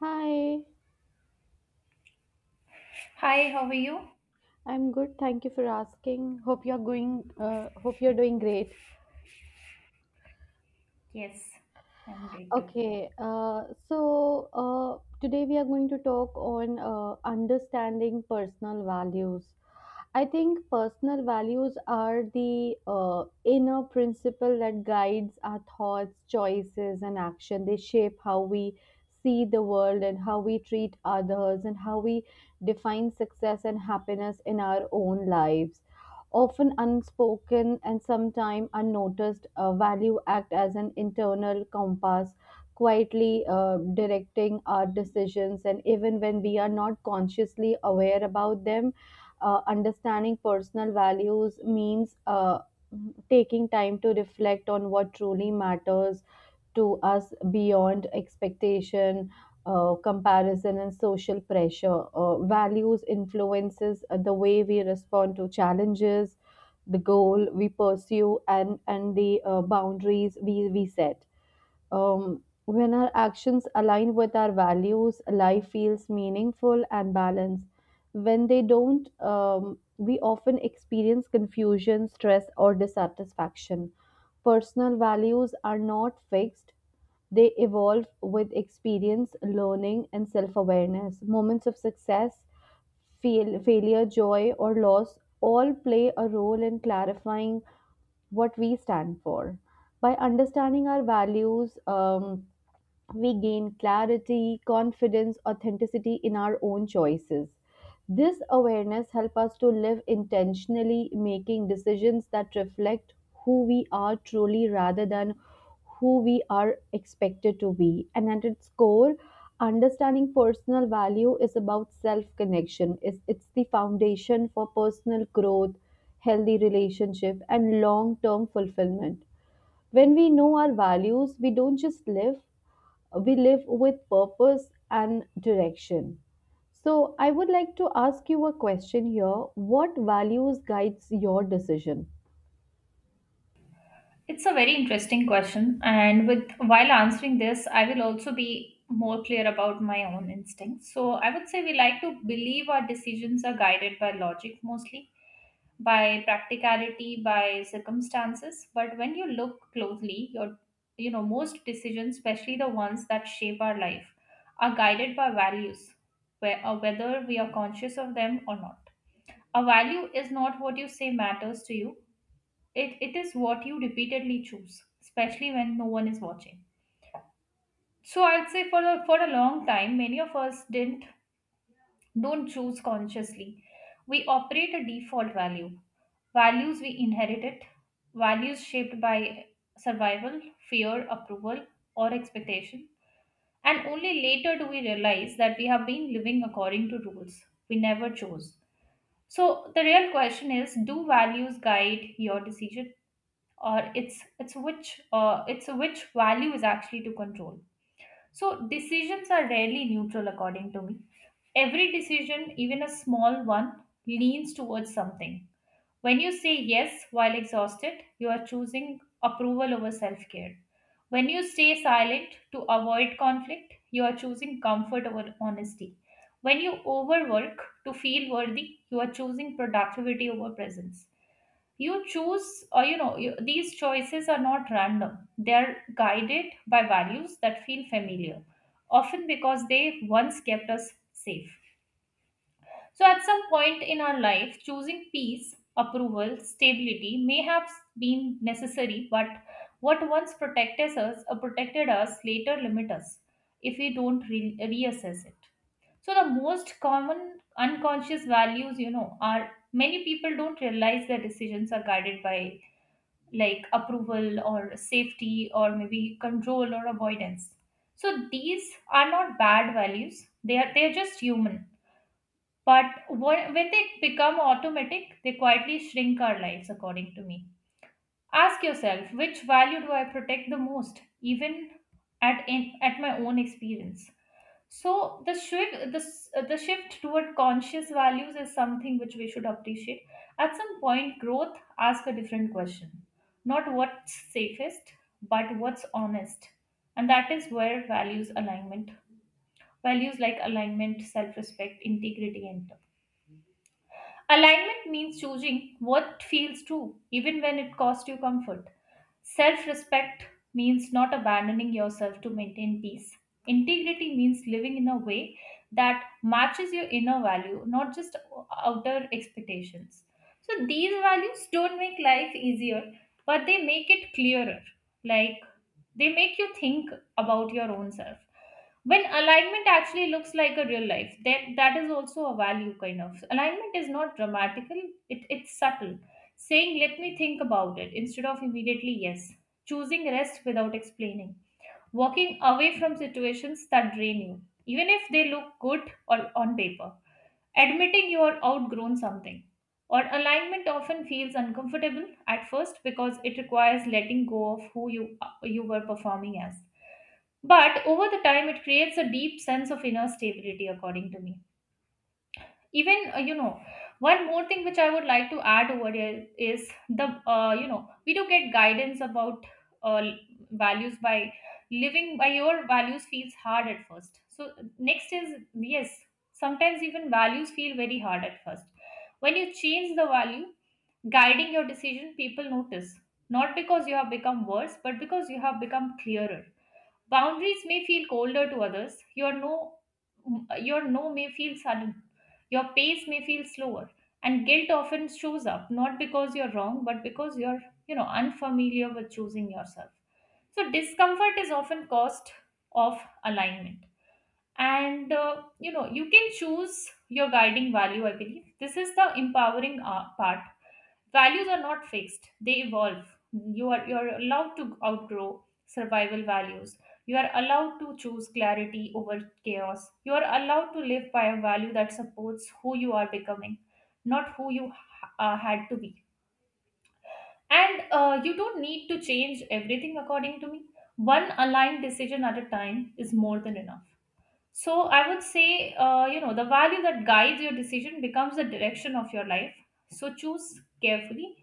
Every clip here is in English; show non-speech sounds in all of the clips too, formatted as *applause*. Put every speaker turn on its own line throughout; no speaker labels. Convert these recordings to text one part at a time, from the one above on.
Hi,
Hi, how are you?
I'm good. Thank you for asking. Hope you're hope you're doing great.
Yes, I'm great too.
Okay, today we are going to talk on understanding personal values. I think personal values are the inner principle that guides our thoughts, choices, and action. They shape how we see the world and how we treat others and how we define success and happiness in our own lives. Often unspoken and sometimes unnoticed, value act as an internal compass quietly directing our decisions and even when we are not consciously aware about them. Understanding personal values means taking time to reflect on what truly matters to us beyond expectation, comparison and social pressure. Values influences the way we respond to challenges, the goal we pursue, and the boundaries we set. When our actions align with our values, life feels meaningful and balanced. When they don't, we often experience confusion, stress, or dissatisfaction. Personal values are not fixed, they evolve with experience, learning, and self awareness. Moments of success, failure, joy, or loss all play a role in clarifying what we stand for. By understanding our values, we gain clarity, confidence, authenticity in our own choices. This awareness helps us to live intentionally, making decisions that reflect who we are truly rather than who we are expected to be. And at its core, understanding personal value is about self connection, it's the foundation for personal growth, healthy relationship, and long term fulfillment. When we know our values, we don't just live, we live with purpose and direction. So, I would like to ask you a question here. What values guides your decision?
It's a very interesting question, and with while answering this, I will also be more clear about my own instincts. So, I would say we like to believe our decisions are guided by logic mostly, by practicality, by circumstances, but when you look closely, most decisions, especially the ones that shape our life, are guided by values, where, whether we are conscious of them or not. A value is not what you say matters to you, it is what you repeatedly choose, especially when no one is watching. So I'd say for a long time, many of us didn't don't choose consciously. We operate a default value, values we inherited, values shaped by survival, fear, approval, or expectation. And only later do we realize that we have been living according to rules we never chose. So the real question is, do values guide your decision? Or it's which it's which value is actually to control. So decisions are rarely neutral, according to me. Every decision, even a small one, leans towards something. When you say yes while exhausted, you are choosing approval over self care. When you stay silent to avoid conflict, you are choosing comfort over honesty. When you overwork to feel worthy, you are choosing productivity over presence. You choose or you know you, These choices are not random, they're guided by values that feel familiar, often because they once kept us safe. So at some point in our life, choosing peace, approval, stability may have been necessary, but what once protected us or protected us later limit us if we don't reassess it. So the most common unconscious values, you know, are many people don't realize their decisions are guided by, like approval or safety or maybe control or avoidance. So these are not bad values, they are just human. But when they become automatic, they quietly shrink our lives, according to me. Ask yourself which value do I protect the most, even at my own experience. So the shift toward conscious values is something which we should appreciate. At some point, growth asks a different question: not what's safest, but what's honest, and that is where values alignment, values like alignment, self-respect, integrity enter. Alignment means choosing what feels true, even when it costs you comfort. Self respect means not abandoning yourself to maintain peace. Integrity means living in a way that matches your inner value, not just outer expectations. So, these values don't make life easier, but they make it clearer. Like, they make you think about your own self. When alignment actually looks like a real life, then that is also a value. Kind of alignment is not dramatical, it's subtle. Saying let me think about it instead of immediately yes, choosing rest without explaining, walking away from situations that drain you even if they look good or on paper. Admitting you are outgrown something, or alignment often feels uncomfortable at first because it requires letting go of who you were performing as. But over the time, it creates a deep sense of inner stability, according to me. Even you know One more thing which I would like to add over here is the you know we do get guidance about uh, values by living by your values feels hard at first. So next is, yes, sometimes even values feel very hard at first. When you change the value guiding your decision, people notice, not because you have become worse but because you have become clearer. Boundaries may feel colder to others. Your no may feel sudden. Your pace may feel slower. And guilt often shows up not because you're wrong, but because you're unfamiliar with choosing yourself. So discomfort is often cost of alignment. And you know, you can choose your guiding value. I believe this is the empowering part. Values are not fixed, they evolve. You are allowed to outgrow survival values. You are allowed to choose clarity over chaos. You are allowed to live by a value that supports who you are becoming, not who you had to be. And you don't need to change everything, according to me. One aligned decision at a time is more than enough. So I would say, you know, the value that guides your decision becomes the direction of your life. So choose carefully.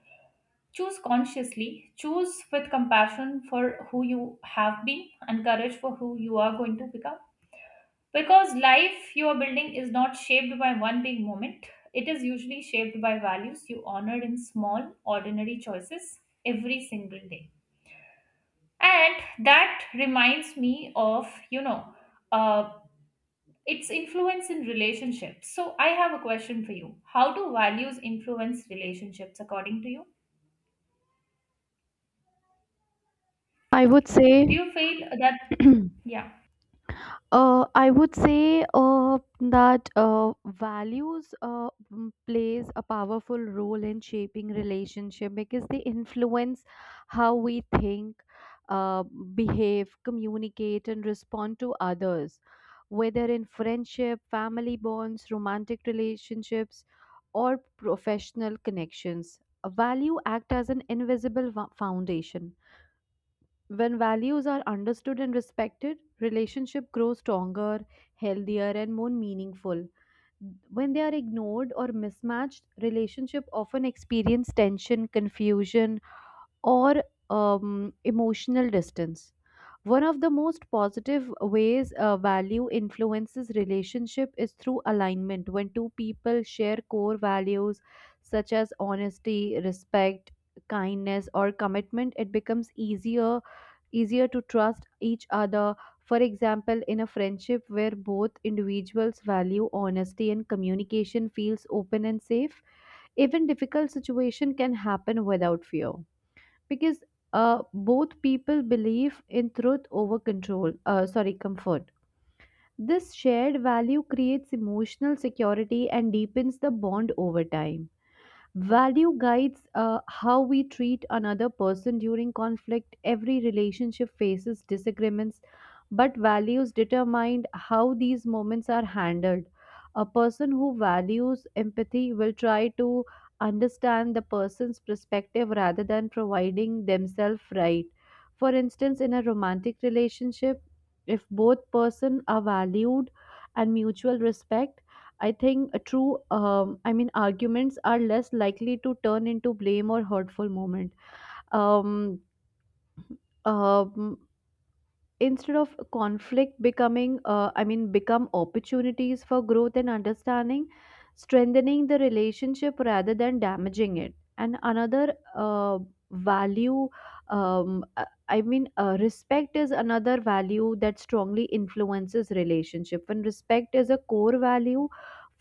Choose consciously, choose with compassion for who you have been and courage for who you are going to become. Because life you are building is not shaped by one big moment, it is usually shaped by values you honored in small, ordinary choices every single day. And that reminds me of, you know, uh, its influence in relationships. So I have a question for you. How do values influence relationships according to you?
I would say.
Do you feel that, yeah?
I would say that values plays a powerful role in shaping relationship because they influence how we think, uh, behave, communicate, and respond to others. Whether in friendship, family bonds, romantic relationships, or professional connections, a value act as an invisible foundation. When values are understood and respected, relationship grows stronger, healthier and more meaningful. When they are ignored or mismatched, relationship often experience tension, confusion or emotional distance. One of the most positive ways value influences relationship is through alignment. When two people share core values such as honesty, respect, kindness, or commitment, it becomes easier to trust each other. For example, in a friendship where both individuals value honesty and communication feels open and safe, even difficult situation can happen without fear because uh, both people believe in truth over control sorry comfort. This shared value creates emotional security and deepens the bond over time. Value guides how we treat another person during conflict. Every relationship faces disagreements, but values determine how these moments are handled. A person who values empathy will try to understand the person's perspective rather than providing themselves right. For instance, in a romantic relationship, if both person are valued and mutual respect, I think a true, I mean, arguments are less likely to turn into blame or hurtful moment. Um, um, Instead of conflict becoming become opportunities for growth and understanding, strengthening the relationship rather than damaging it. And another value I mean respect is another value that strongly influences relationship. When respect is a core value,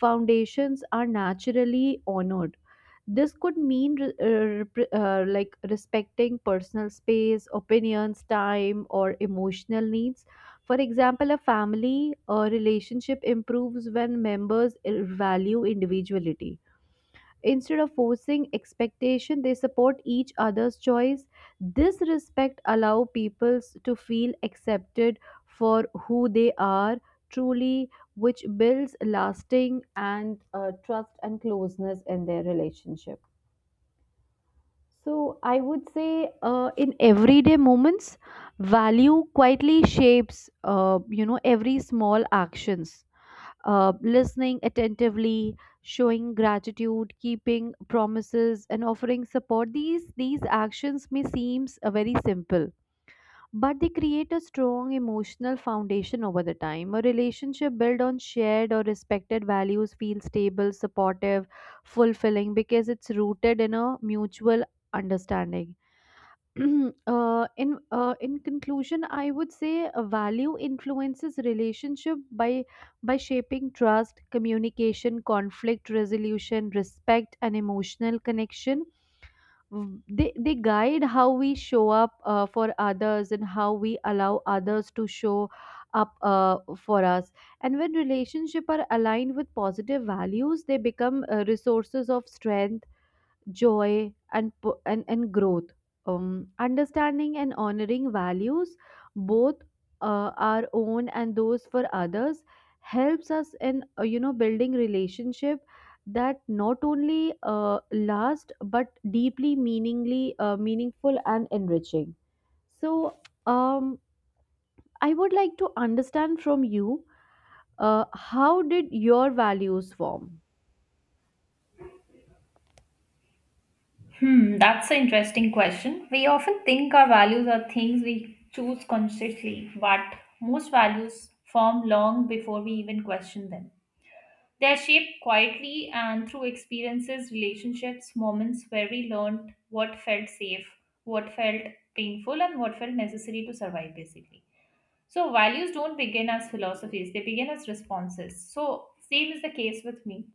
foundations are naturally honored. This could mean like respecting personal space, opinions, time, or emotional needs. For example, a family relationship improves when members value individuality. Instead of forcing expectation, they support each other's choice. This respect allow people to feel accepted for who they are truly, which builds lasting and trust and closeness in their relationship. So I would say in everyday moments, value quietly shapes you know every small actions. Listening attentively, showing gratitude, keeping promises, and offering support. These actions may seem very simple, but they create a strong emotional foundation over the time. A relationship built on shared or respected values feels stable, supportive, fulfilling because it's rooted in a mutual understanding. *clears throat* In conclusion, I would say a value influences relationship by shaping trust, communication, conflict resolution, respect and emotional connection. They guide how we show up for others and how we allow others to show up for us. And when relationships are aligned with positive values, they become resources of strength, joy and growth. Understanding and honoring values, both our own and those for others, helps us in you know building relationship that not only last but deeply meaningly meaningful and enriching. So um, I would like to understand from you how did your values form.
Hmm, that's an interesting question. We often think our values are things we choose consciously, but most values form long before we even question them. They are shaped quietly and through experiences, relationships, moments where we learned what felt safe, what felt painful, and what felt necessary to survive, basically. So, values don't begin as philosophies, they begin as responses. So, same is the case with me.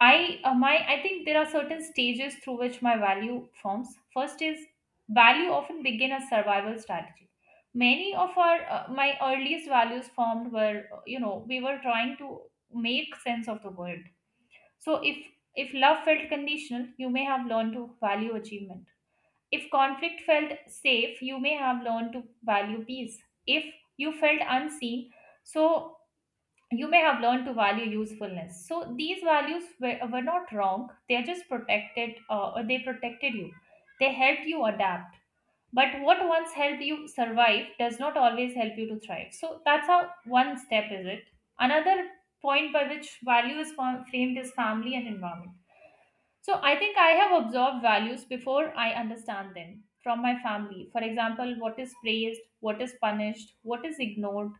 I think there are certain stages through which my value forms. First is value often begin as survival strategy. Many of our my earliest values formed were you know, we were trying to make sense of the world. So if love felt conditional, you may have learned to value achievement. If conflict felt safe, you may have learned to value peace. If you felt unseen, so you may have learned to value usefulness. So these values were not wrong, they're just protected or they protected you, they helped you adapt. But what once helped you survive does not always help you to thrive. So that's how, one step is it. Another point by which value is framed is family and environment. So I think I have observed values before I understand them from my family. For example, what is praised, what is punished, what is ignored.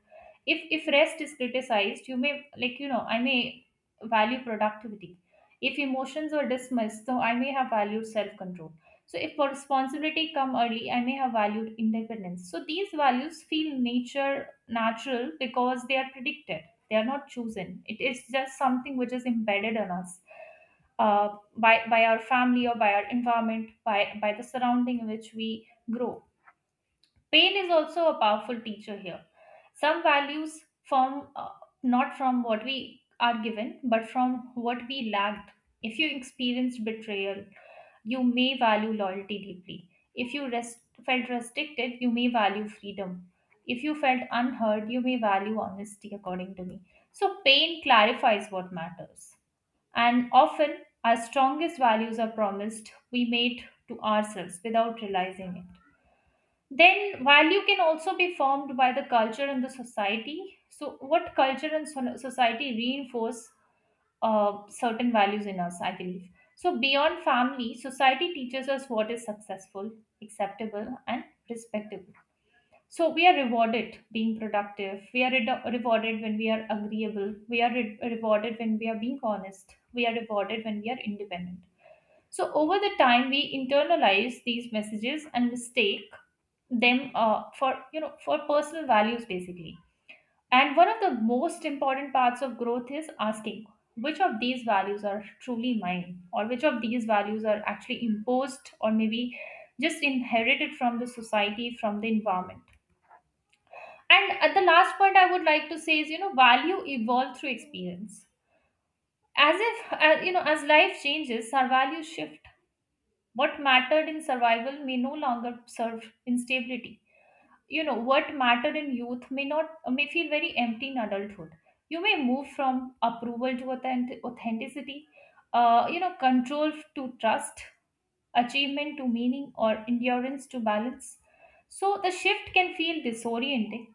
If rest is criticized, you may like you know, I may value productivity. If emotions are dismissed, so I may have valued self-control. So if responsibility come early, I may have valued independence. So these values feel nature natural because they are predicted. They are not chosen. It is just something which is embedded in us. Uh by our family, or by our environment, by the surrounding in which we grow. Pain is also a powerful teacher here. Some values form not from what we are given but from what we lacked. If you experienced betrayal, you may value loyalty deeply. If you felt restricted, you may value freedom. If you felt unheard, you may value honesty, according to me. So pain clarifies what matters, and often, our strongest values are promised we made to ourselves without realizing it. Then, value can also be formed by the culture and the society. So, what culture and society reinforce certain values in us, I believe. So, beyond family, society teaches us what is successful, acceptable, and respectable. So we are rewarded being productive. We are rewarded when we are agreeable. We are rewarded when we are being honest. We are rewarded when we are independent. So over the time, we internalize these messages and mistake them for you know, for personal values basically. And one of the most important parts of growth is asking which of these values are truly mine, or which of these values are actually imposed, or maybe just inherited from the society, from the environment. And at the last point, I would like to say is, you know, value evolve through experience. As if, you know, as life changes, our values shift. What mattered in survival may no longer serve in stability. You know, what mattered in youth may not, may feel very empty in adulthood. You may move from approval to authenticity, you know, control to trust, achievement to meaning, or endurance to balance. So the shift can feel disorienting,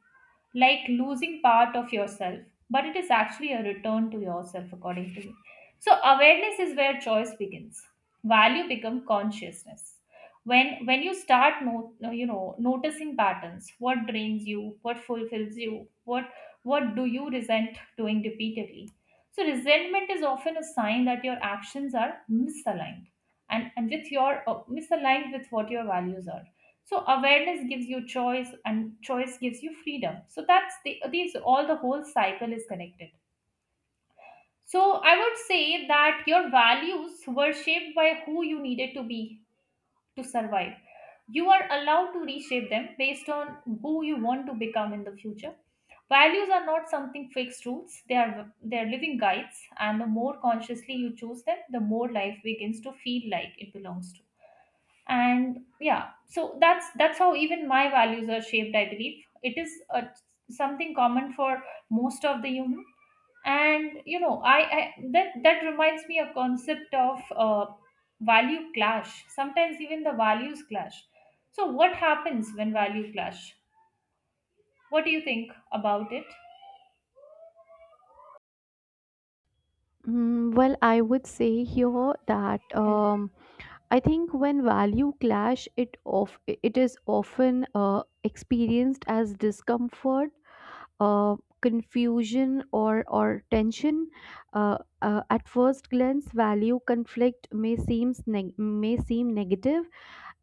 like losing part of yourself, but it is actually a return to yourself, according to me. So, awareness is where choice begins. Value become consciousness. When you start no, no, you know noticing patterns, what drains you, what fulfills you, what do you resent doing repeatedly? So resentment is often a sign that your actions are misaligned, and with your misaligned with what your values are. So awareness gives you choice, and choice gives you freedom. So that's the the whole cycle is connected. So I would say that your values were shaped by who you needed to be to survive. You are allowed to reshape them based on who you want to become in the future. Values are not something fixed rules; they are living guides, and the more consciously you choose them, the more life begins to feel like it belongs to. And yeah, so that's how even my values are shaped. I believe it is a something common for most of the human. And you know, I that that reminds me a concept of value clash. Sometimes even the values clash. So what happens when value clash? What do you think about it?
I would say here that
Hello?
I think when value clash, it is often experienced as discomfort, confusion, or tension. At first glance, value conflict may seem negative,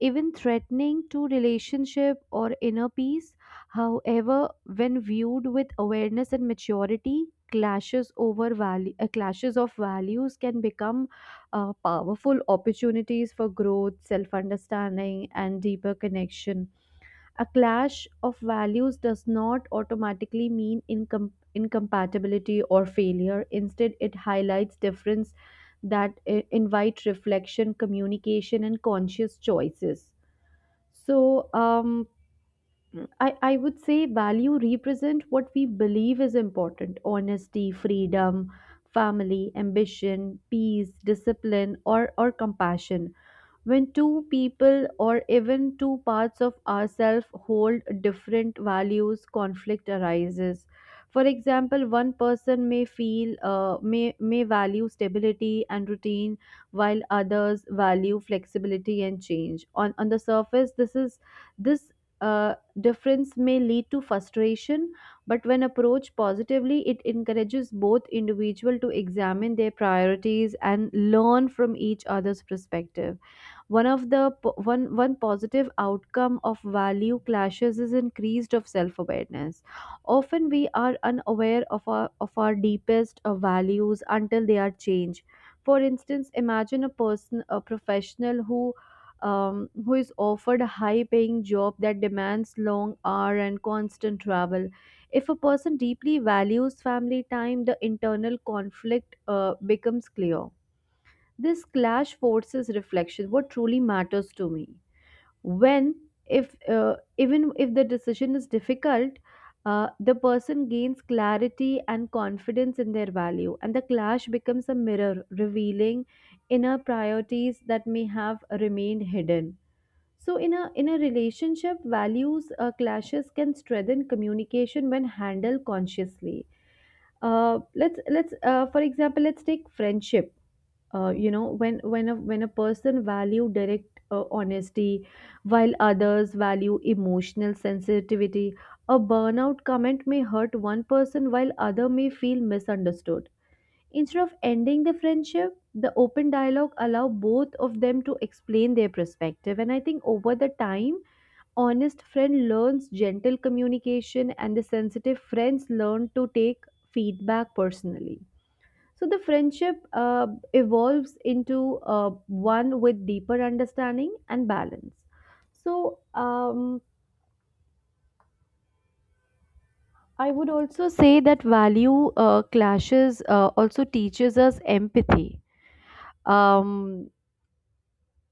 even threatening to relationship or inner peace. However, when viewed with awareness and maturity, clashes of values can become powerful opportunities for growth, self-understanding, and deeper connection. A clash of values does not automatically mean incompatibility or failure. Instead, it highlights difference that invite reflection, communication, and conscious choices. So I would say value represent what we believe is important: honesty, freedom, family, ambition, peace, discipline, or compassion. When two people or even two parts of ourselves hold different values, conflict arises. For example, one person may feel may value stability and routine, while others value flexibility and change. On the surface, this uh, difference may lead to frustration, but when approached positively, it encourages both individual to examine their priorities and learn from each other's perspective. One of the po- one One positive outcome of value clashes is increased of self-awareness. Often we are unaware of our deepest values until they are changed. For instance, imagine a person, a professional um, who is offered a high paying job that demands long hour and constant travel. If a person deeply values family time, the internal conflict becomes clear. This clash forces reflection: what truly matters to me when, if even if the decision is difficult. The person gains clarity and confidence in their value, and the clash becomes a mirror revealing inner priorities that may have remained hidden. So in a relationship, values clashes can strengthen communication when handled consciously. Let's For example, let's take friendship. You know, when a person value direct honesty while others value emotional sensitivity, a burnout comment may hurt one person while other may feel misunderstood. Instead of ending the friendship, the open dialogue allow both of them to explain their perspective. And I think over the time, honest friend learns gentle communication and the sensitive friends learn to take feedback personally. So the friendship evolves into one with deeper understanding and balance. So I would also say that value clashes also teaches us empathy. Um,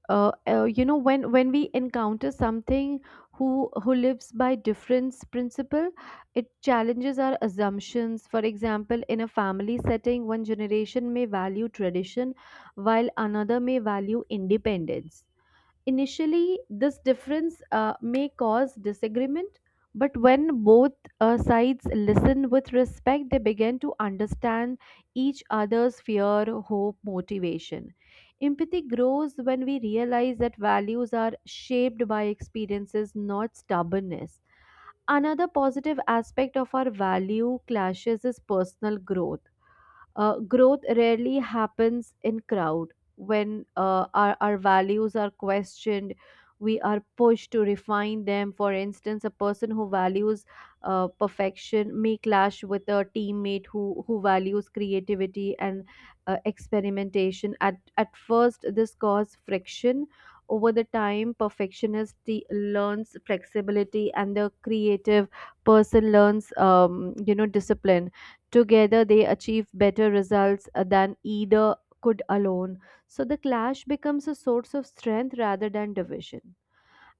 when we encounter something who lives by difference principle, it challenges our assumptions. For example, in a family setting, one generation may value tradition, while another may value independence. Initially, this difference may cause disagreement, but when both sides listen with respect, they begin to understand each other's fear, hope, motivation. Empathy grows when we realize that values are shaped by experiences, not stubbornness. Another positive aspect of our value clashes is personal growth. Growth rarely happens in crowd. When our values are questioned, we are pushed to refine them. For instance, a person who values perfection may clash with a teammate who values creativity and experimentation. At first this causes friction, over the time perfectionist learns flexibility and the creative person learns you know, discipline. Together, they achieve better results than either could alone. So the clash becomes a source of strength rather than division.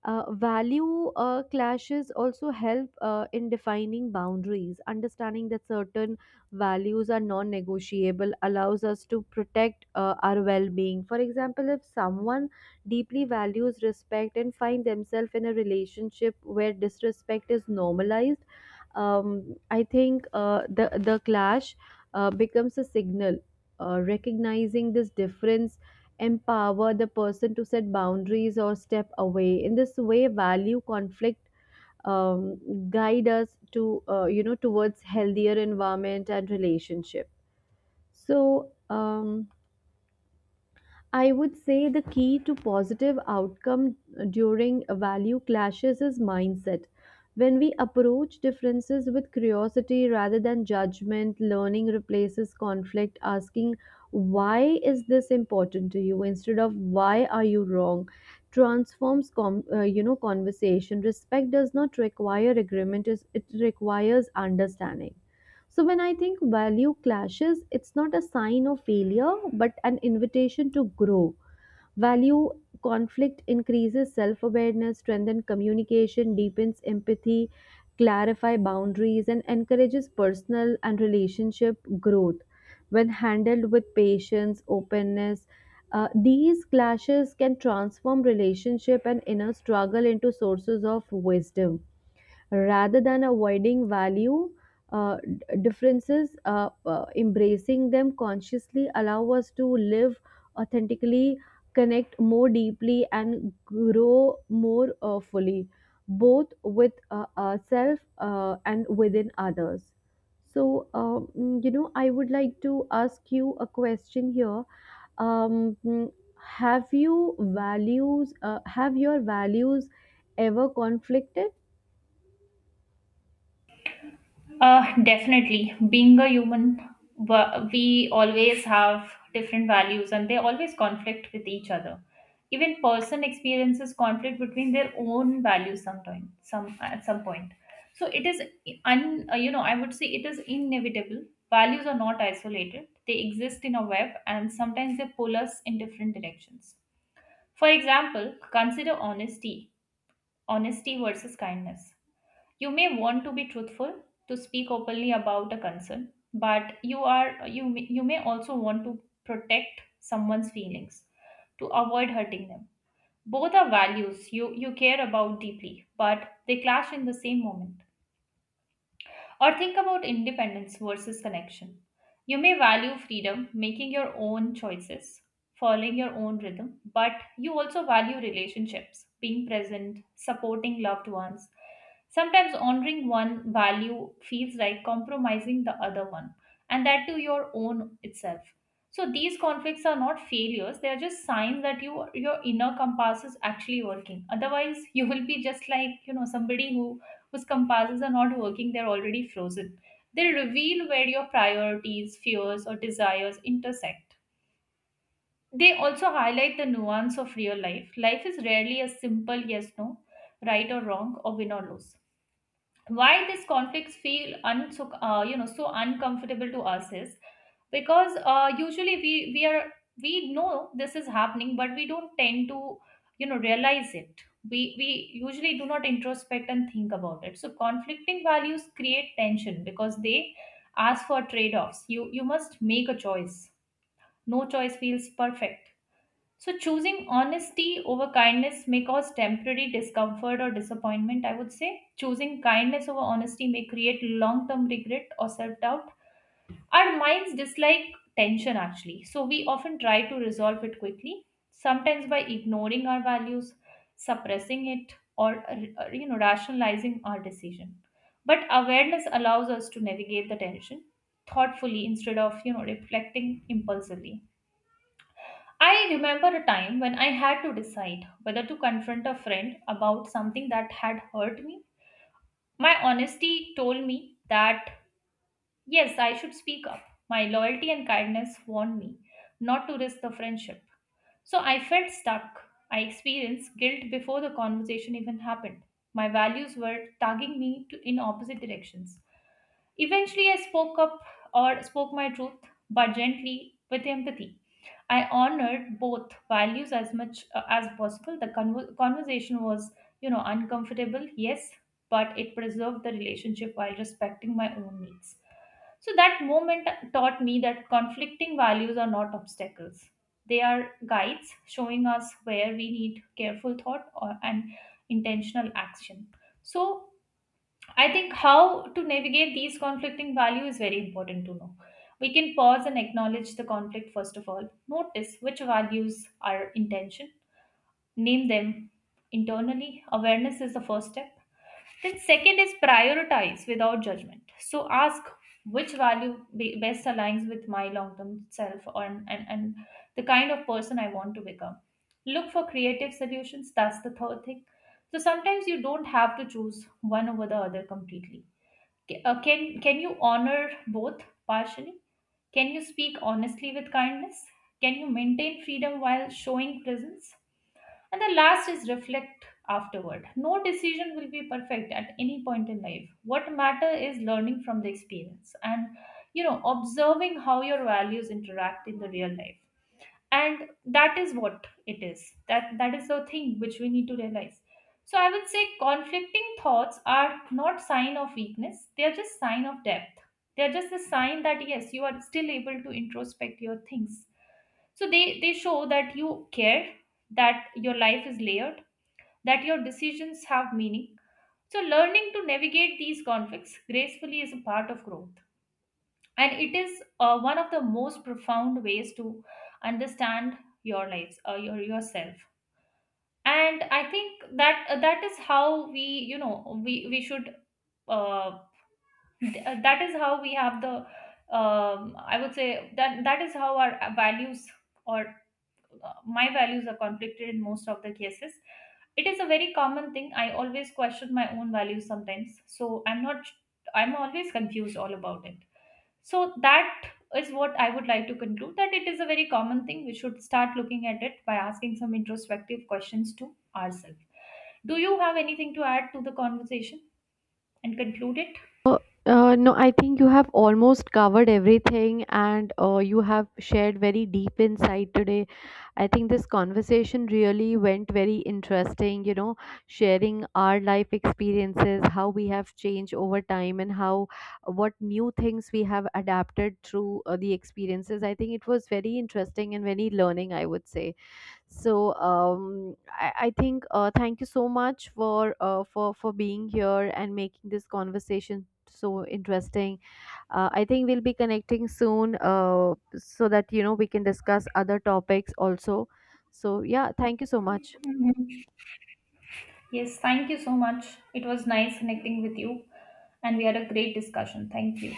Value clashes also help in defining boundaries. Understanding that certain values are non negotiable allows us to protect our well being. For example, if someone deeply values respect and find themselves in a relationship where disrespect is normalized, I think the clash becomes a signal. Recognizing this difference empower the person to set boundaries or step away. In this way, value conflict um, guide us to you know, towards healthier environment and relationship. So I would say the key to positive outcome during value clashes is mindset. When we approach differences with curiosity rather than judgment, learning replaces conflict, asking, why is this important to you? Instead of, why are you wrong? Transforms you know, conversation. Respect does not require agreement, it requires understanding. So, when I think value clashes, it's not a sign of failure, but an invitation to grow. Value conflict increases self awareness, strengthens communication, deepens empathy, clarify boundaries, and encourages personal and relationship growth. When handled with patience, openness, these clashes can transform relationship and inner struggle into sources of wisdom rather than avoiding value differences. Embracing them consciously allow us to live authentically, connect more deeply and grow more fully, both with ourselves and within others. So you know, I would like to ask you a question here. um, mm, have your values ever conflicted?
Definitely. Being a human, we always have different values and they always conflict with each other. Even person experiences conflict between their own values sometime, some at some point. So it is you know, I would say it is inevitable. Values are not isolated. They exist in a web and sometimes they pull us in different directions. For example, consider honesty, honesty versus kindness. You may want to be truthful, to speak openly about a concern, but you may also want to protect someone's feelings to avoid hurting them. Both are values you care about deeply, but they clash in the same moment. Or think about independence versus connection. You may value freedom, making your own choices, following your own rhythm, but you also value relationships, being present, supporting loved ones. Sometimes honoring one value feels like compromising the other one, and that to your own itself. So these conflicts are not failures, they are just signs that you your inner compass is actually working. Otherwise, you will be just like, you know, somebody who whose compasses are not working, they're already frozen. They reveal where your priorities, fears, or desires intersect. They also highlight the nuance of real life. Life is rarely a simple yes, no, right or wrong, or win or lose. Why these conflicts feel you know, so uncomfortable to us is because usually we know this is happening, but we don't tend to, you know, realize it. We usually do not introspect and think about it. So conflicting values create tension because they ask for trade offs. You must make a choice. No choice feels perfect. So, choosing honesty over kindness may cause temporary discomfort or disappointment, I would say. Choosing kindness over honesty may create long term regret or self doubt. Our minds dislike tension actually, so we often try to resolve it quickly, sometimes by ignoring our values, suppressing it, or you know, rationalizing our decision. But awareness allows us to navigate the tension thoughtfully instead of, you know, reflecting impulsively. I remember a time when I had to decide whether to confront a friend about something that had hurt me. My honesty told me that yes, I should speak up. My loyalty and kindness warned me not to risk the friendship. So I felt stuck. I experienced guilt before the conversation even happened. My values were tugging me to, in opposite directions. Eventually, I spoke up or spoke my truth, but gently with empathy. I honored both values as much as possible. The conversation was, you know, uncomfortable, yes, but it preserved the relationship while respecting my own needs. So that moment taught me that conflicting values are not obstacles. They are guides showing us where we need careful thought or an intentional action. So I think how to navigate these conflicting values is very important to know. We can pause and acknowledge the conflict first of all. Notice which values are intention, name them internally. Awareness is the first step. Then, second is prioritize without judgment. So, ask which value best aligns with my long term self and the kind of person I want to become. Look for creative solutions. That's the third thing. So, sometimes you don't have to choose one over the other completely. Can you honor both partially? Can you speak honestly with kindness? Can you maintain freedom while showing presence? And the last is reflect afterward. No decision will be perfect at any point in life. What matter is learning from the experience and, you know, observing how your values interact in the real life. And that is what it is, that is the thing which we need to realize. So I would say conflicting thoughts are not sign of weakness, they are just sign of depth. They are just a sign that yes, you are still able to introspect your things. So they show that you care, that your life is layered, that your decisions have meaning. So learning to navigate these conflicts gracefully is a part of growth, and it is one of the most profound ways to understand your lives or your yourself. And I think that that is how we, you know, we should uh, that is how we have the I would say that that is how our values or my values are conflicted in most of the cases. It is a very common thing. I always question my own values sometimes, so I'm not, I'm always confused all about it. So that is what I would like to conclude, that it is a very common thing. We should start looking at it by asking some introspective questions to ourselves. Do you have anything to add to the conversation and conclude it?
Uh, no, I think you have almost covered everything and you have shared very deep insight today. I think this conversation really went very interesting, you know, sharing our life experiences, how we have changed over time, and how what new things we have adapted through the experiences. I think it was very interesting and very learning, I would say. So I think thank you so much for for being here and making this conversation so interesting. I think we'll be connecting soon so that you know we can discuss other topics also. So yeah, thank you so much.
Mhm. Yes, thank you so much. It was nice connecting with you, and we had a great discussion. Thank you.